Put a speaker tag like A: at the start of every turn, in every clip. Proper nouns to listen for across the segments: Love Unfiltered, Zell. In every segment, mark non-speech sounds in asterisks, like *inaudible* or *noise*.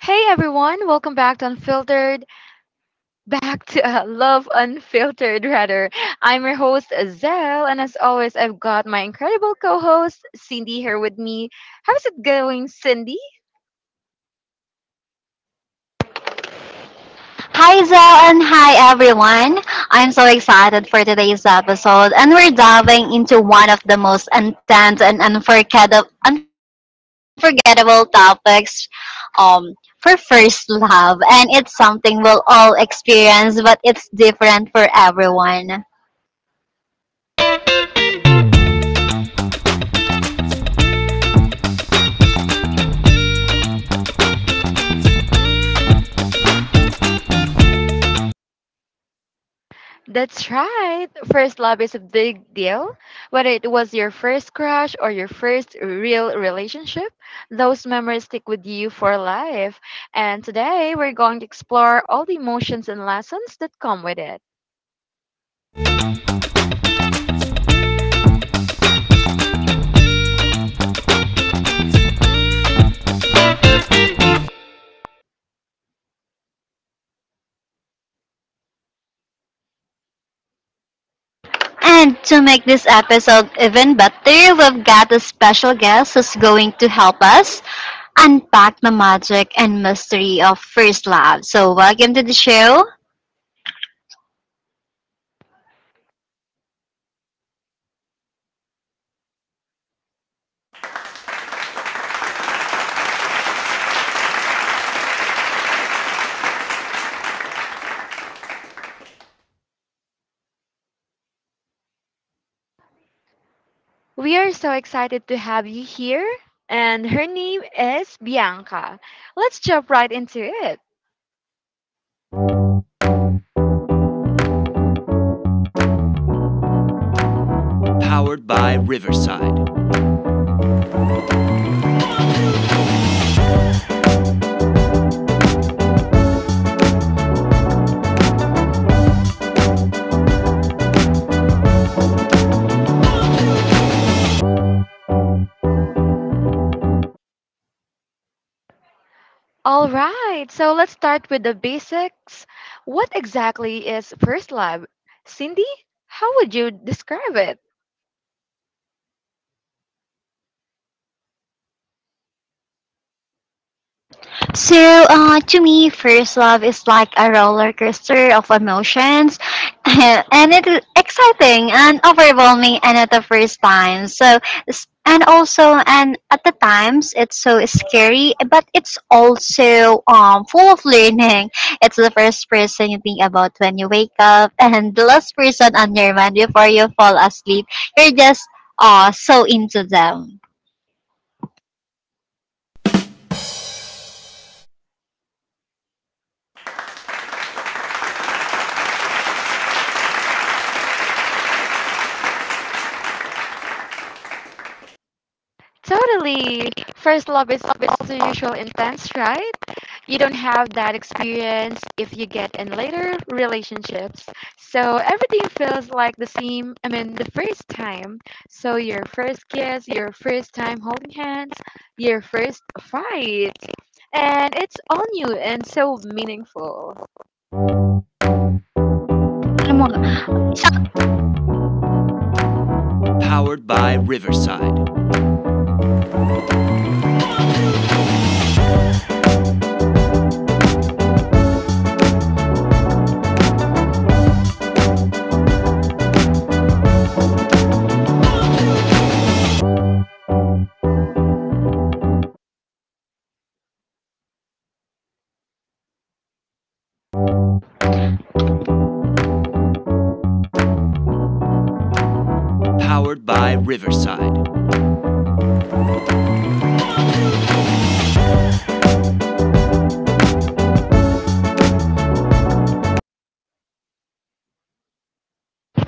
A: Hey everyone, welcome back to Unfiltered, *laughs* back to Love Unfiltered rather. I'm your host Zell, and as always, I've got my incredible co-host Cindy here with me. How's it going, Cindy?
B: Hi, Zell, and hi, everyone. I'm so excited for today's episode, and we're diving into one of the most intense and unforgettable topics for first love. And it's something we'll all experience, but it's different for everyone.
A: That's right. First love is a big deal. Whether it was your first crush or your first real relationship, those memories stick with you for life. And today, we're going to explore all the emotions and lessons that come with it.
B: And to make this episode even better, we've got a special guest who's going to help us unpack the magic and mystery of first love. So, welcome to the show.
A: We are so excited to have you here, and her name is Bianca. Let's jump right into it. All right, so let's start with the basics. What exactly is first love? Cindy, how would you describe it?
B: So, to me, first love is like a roller coaster of emotions, *laughs* and it is exciting and overwhelming, and at the first time. So, and also, and at the times, it's so scary, but it's also full of learning. It's the first person you think about when you wake up, *laughs* and the last person on your mind before you fall asleep. You're just so into them.
A: Totally. First love is also usual intense, right? You don't have that experience if you get in later relationships. So everything feels like the same, I mean, the first time. So your first kiss, your first time holding hands, your first fight. And it's all new and so meaningful.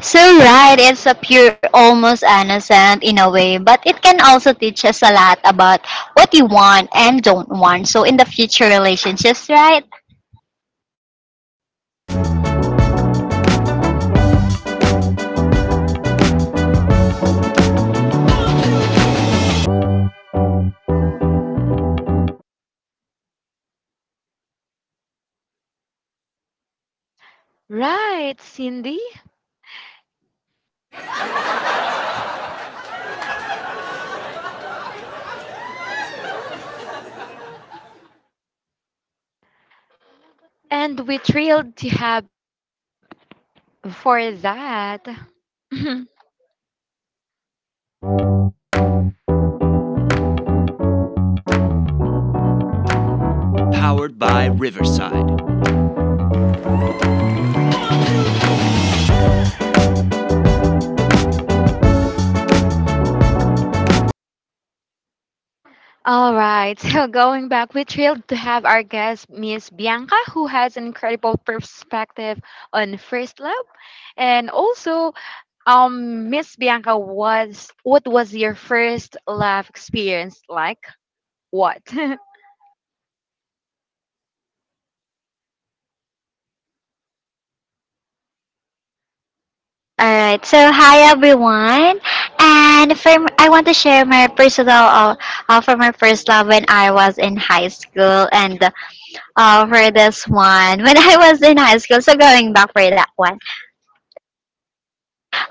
B: So right, it's a pure, almost innocent in a way, but it can also teach us a lot about what you want and don't want. So in the future relationships, right? All right. So hi everyone, and from I want to share my personal from my first love when I was in high school, and for this one *laughs* when I was in high school. So going back for that one.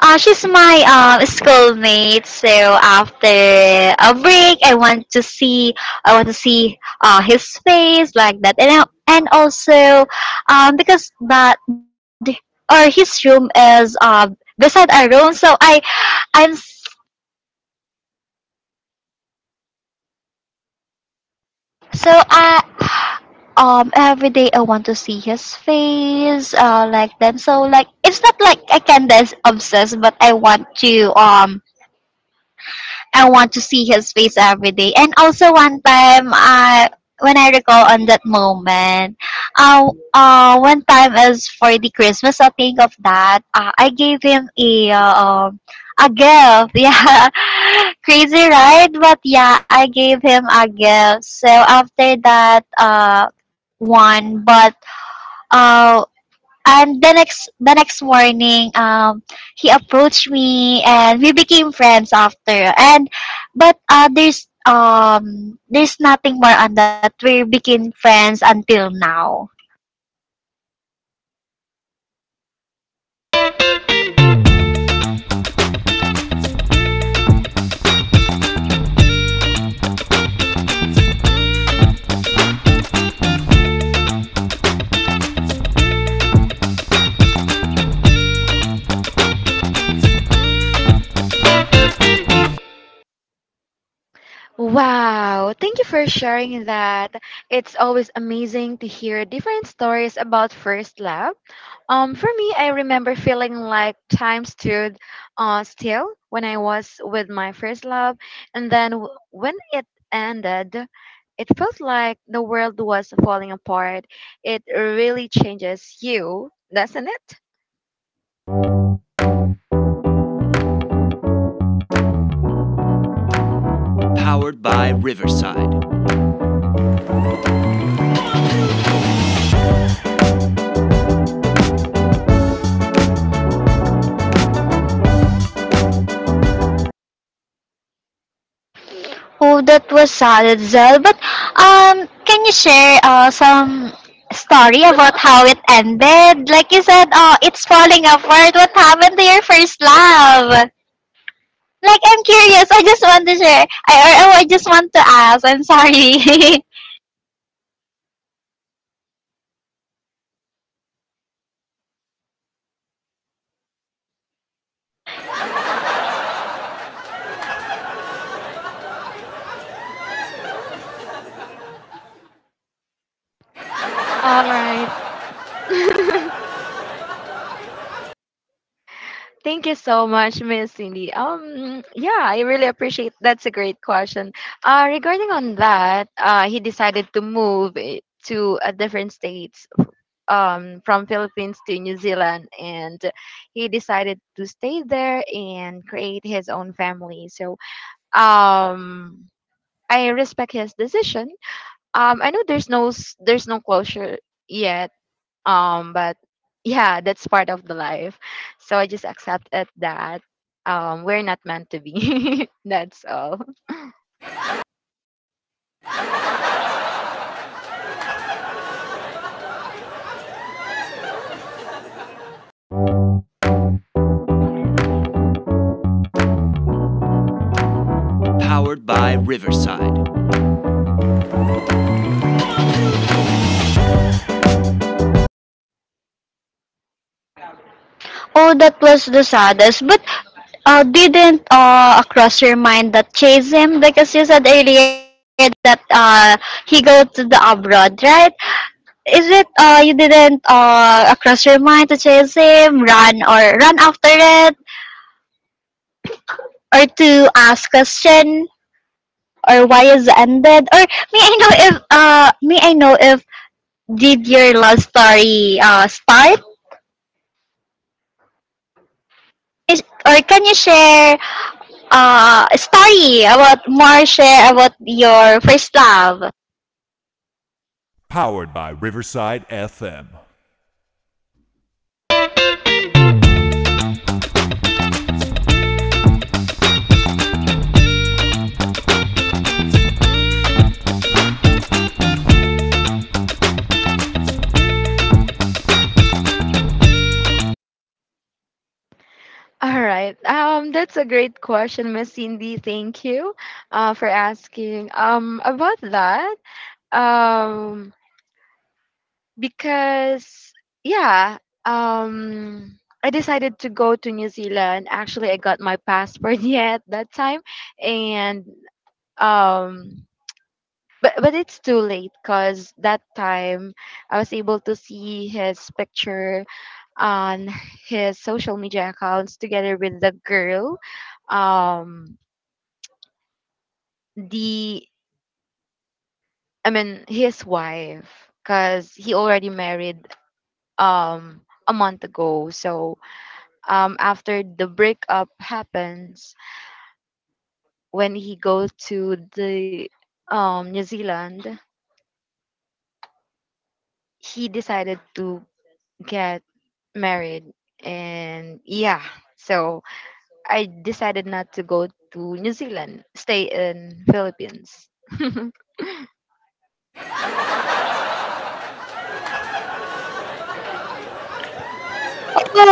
B: She's my schoolmate. So after a break, I want to see his face like that, and and also because that or his room is beside our room. So I'm s- I every day I want to see his face like that. So like it's not like I can dance obsessed, but I want to see his face every day. And also one time, when I recall on that moment, one time is for the Christmas. I think of that. I gave him um, a gift. *laughs* Yeah, crazy, right? But yeah, I gave him a gift. So after that, one, but uh and the next morning, he approached me and we became friends after, and but there's nothing more on that. We became friends until now. Oh, that was sad, Zel, but can you share some story about how it ended? Like you said, oh, it's falling apart. What happened to your first love? Like I'm curious. I just want to ask, I'm sorry. *laughs* Oh, that was the saddest. But didn't cross your mind that chase him? Because you said earlier that he go to the abroad, right? Is it you didn't cross your mind to chase him, run after it, or to ask question or why is it ended? Or may I know if may I know if did your love story start? Is, or can you share story about more share about your first love.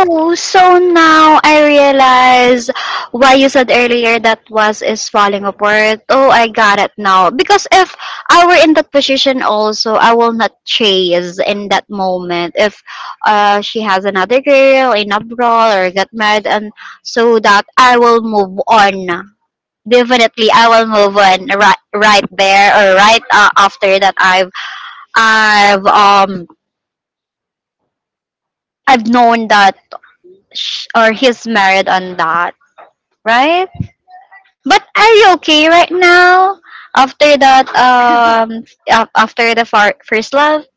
B: Oh, so now I realize why you said earlier that was is falling apart. Oh, I got it now. Because if I were in that position also, I will not chase in that moment. If she has another girl in abroad or get married, and so that I will move on, definitely I will move on right, right there or right after that I've um I've known that sh or he's married on that, right? But are you okay right now? After that after the first love,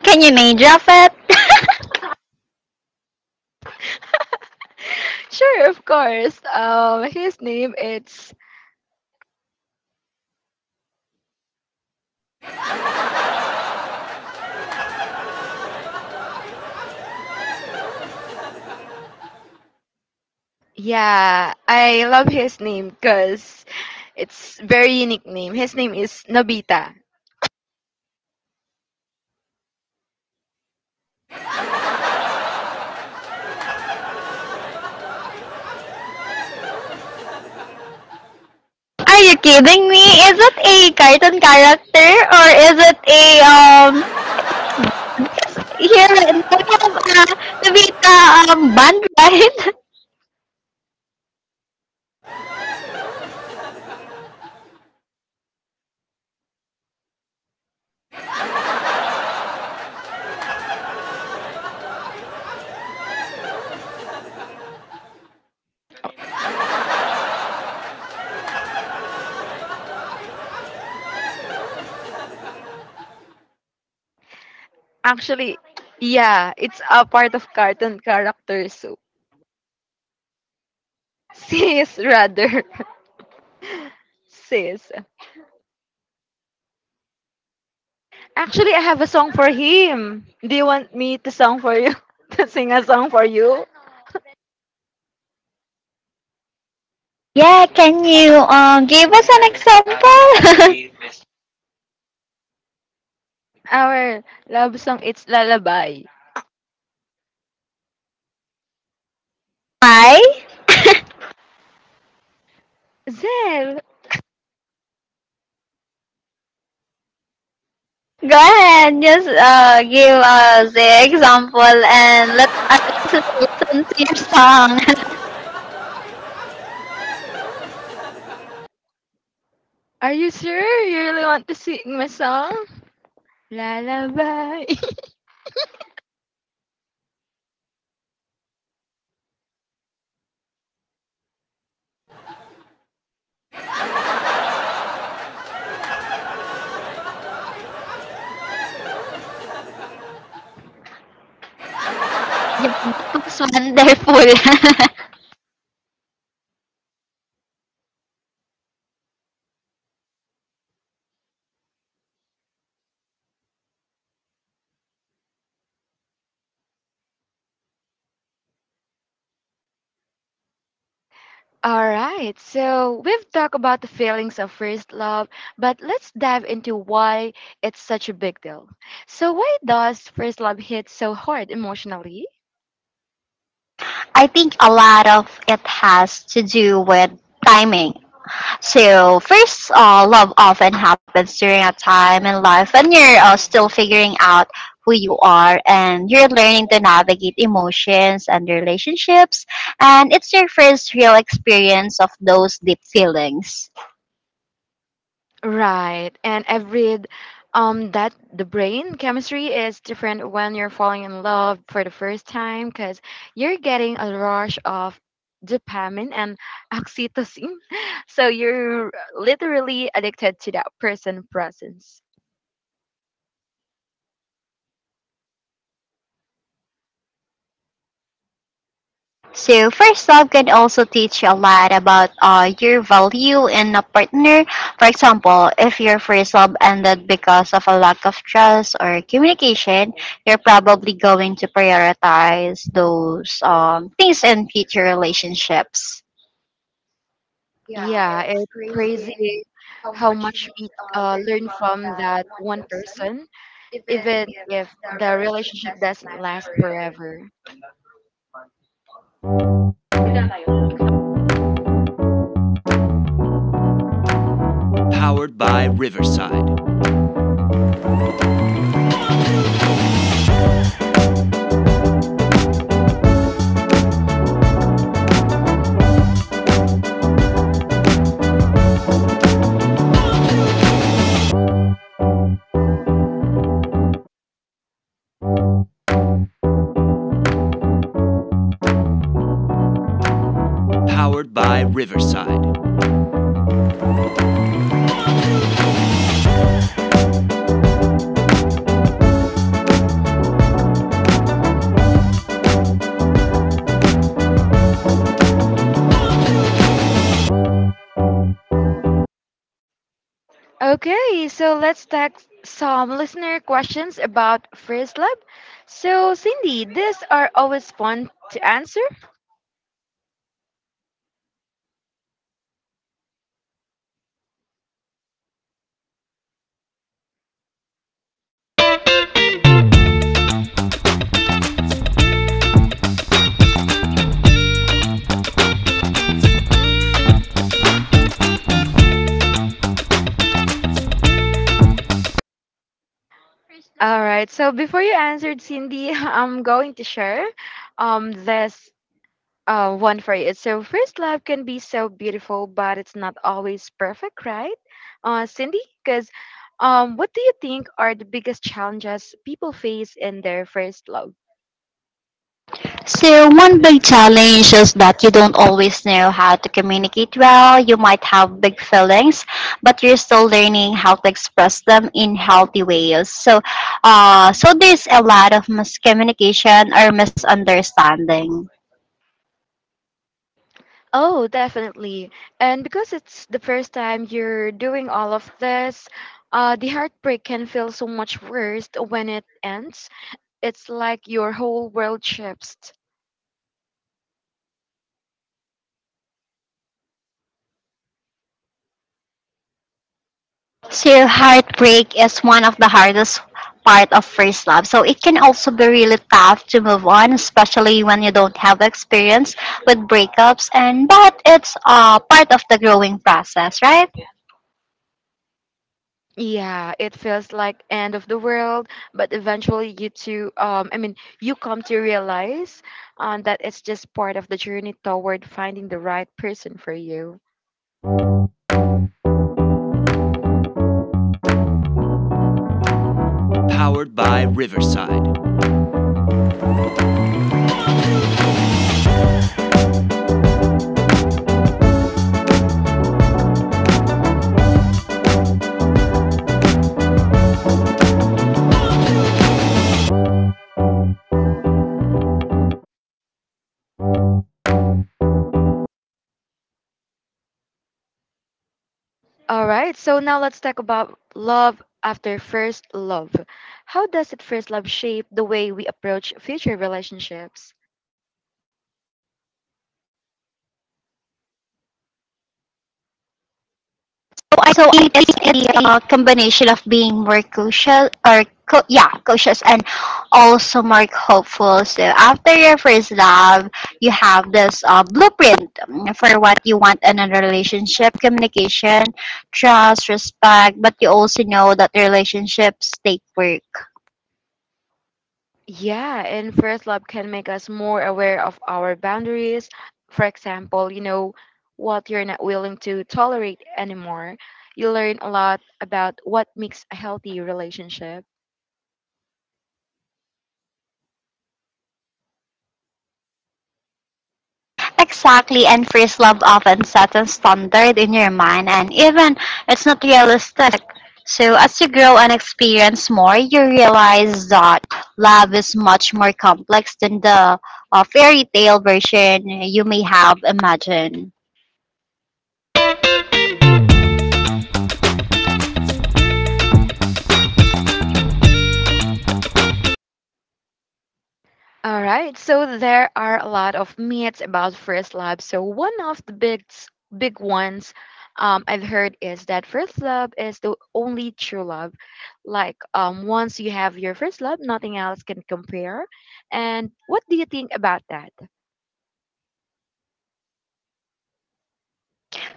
B: can you name drop it? *laughs* Are you kidding me? Is it a cartoon character or is it a here we have a Vita band, right? *laughs* Yeah, can you give us an example? *laughs* Hi. Go ahead, just give us the example and let us listen, listen to your song. *laughs* Yeah, that was wonderful. *laughs* I think a lot of it has to do with timing. So first, love often happens during a time in life when you're still figuring out who you are, and you're learning to navigate emotions and relationships, and it's your first real experience of those deep feelings. So first love can also teach you a lot about your value in a partner. For example, if your first love ended because of a lack of trust or communication, you're probably going to prioritize those things in future relationships. So, one big challenge is that you don't always know how to communicate well. You might have big feelings, but you're still learning how to express them in healthy ways. So, So there's a lot of miscommunication or misunderstanding. So, heartbreak is one of the hardest part of first love. So, it can also be really tough to move on, especially when you don't have experience with breakups. And but it's part of the growing process, right? So, so it is a combination of being more cautious yeah, cautious and also more hopeful. So after your first love you have this blueprint for what you want in a relationship: communication, trust, respect. But you also know that relationships take work. Exactly, and first love often sets a standard in your mind, and even it's not realistic. So, as you grow and experience more, you realize that love is much more complex than the fairy tale version you may have imagined.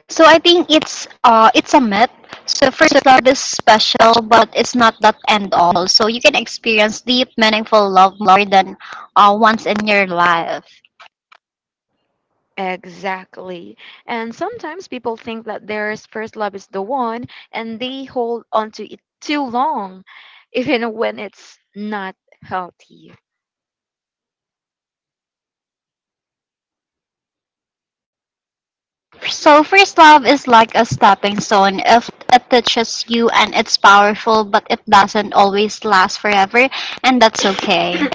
B: So, I think it's a myth. So, first love is special, but it's not that end all. So, you can experience deep, meaningful love more than once in your life. So first love is like a stepping stone. If it touches you and it's powerful, but it doesn't always last forever, and that's okay.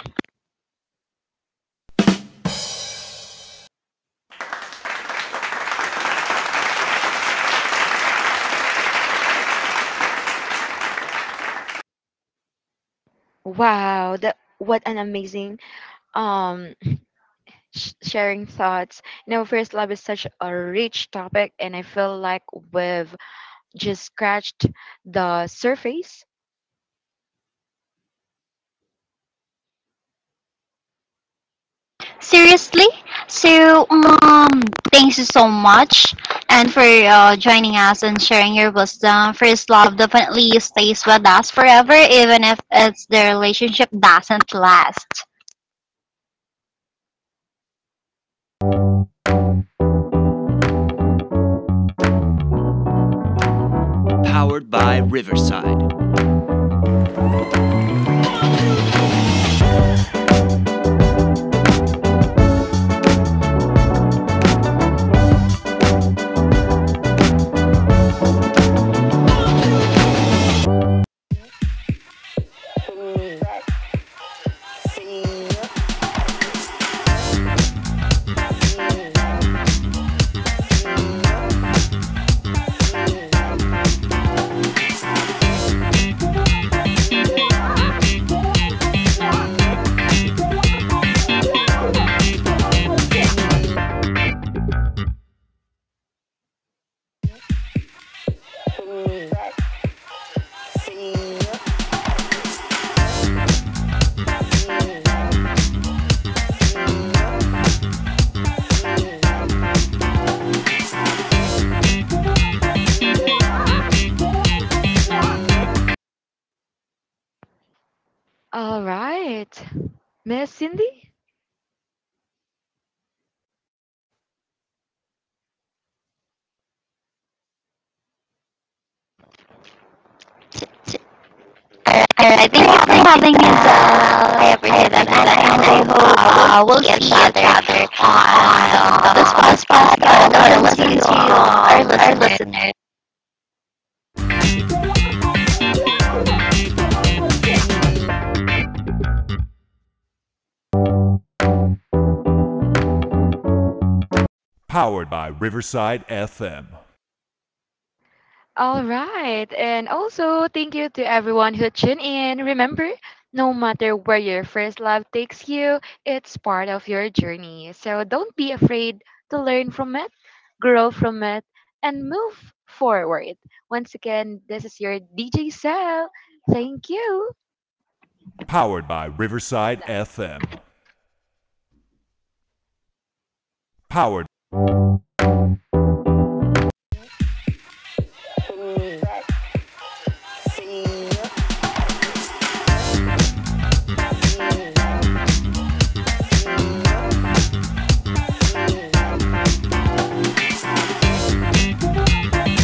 B: *coughs* Seriously. So thank you so much, and for joining us and sharing your wisdom. First love definitely stays with us forever, even if it's the relationship doesn't last. I think we having this everything, and I hope we'll see each other on the podcast, and our listeners, our listeners.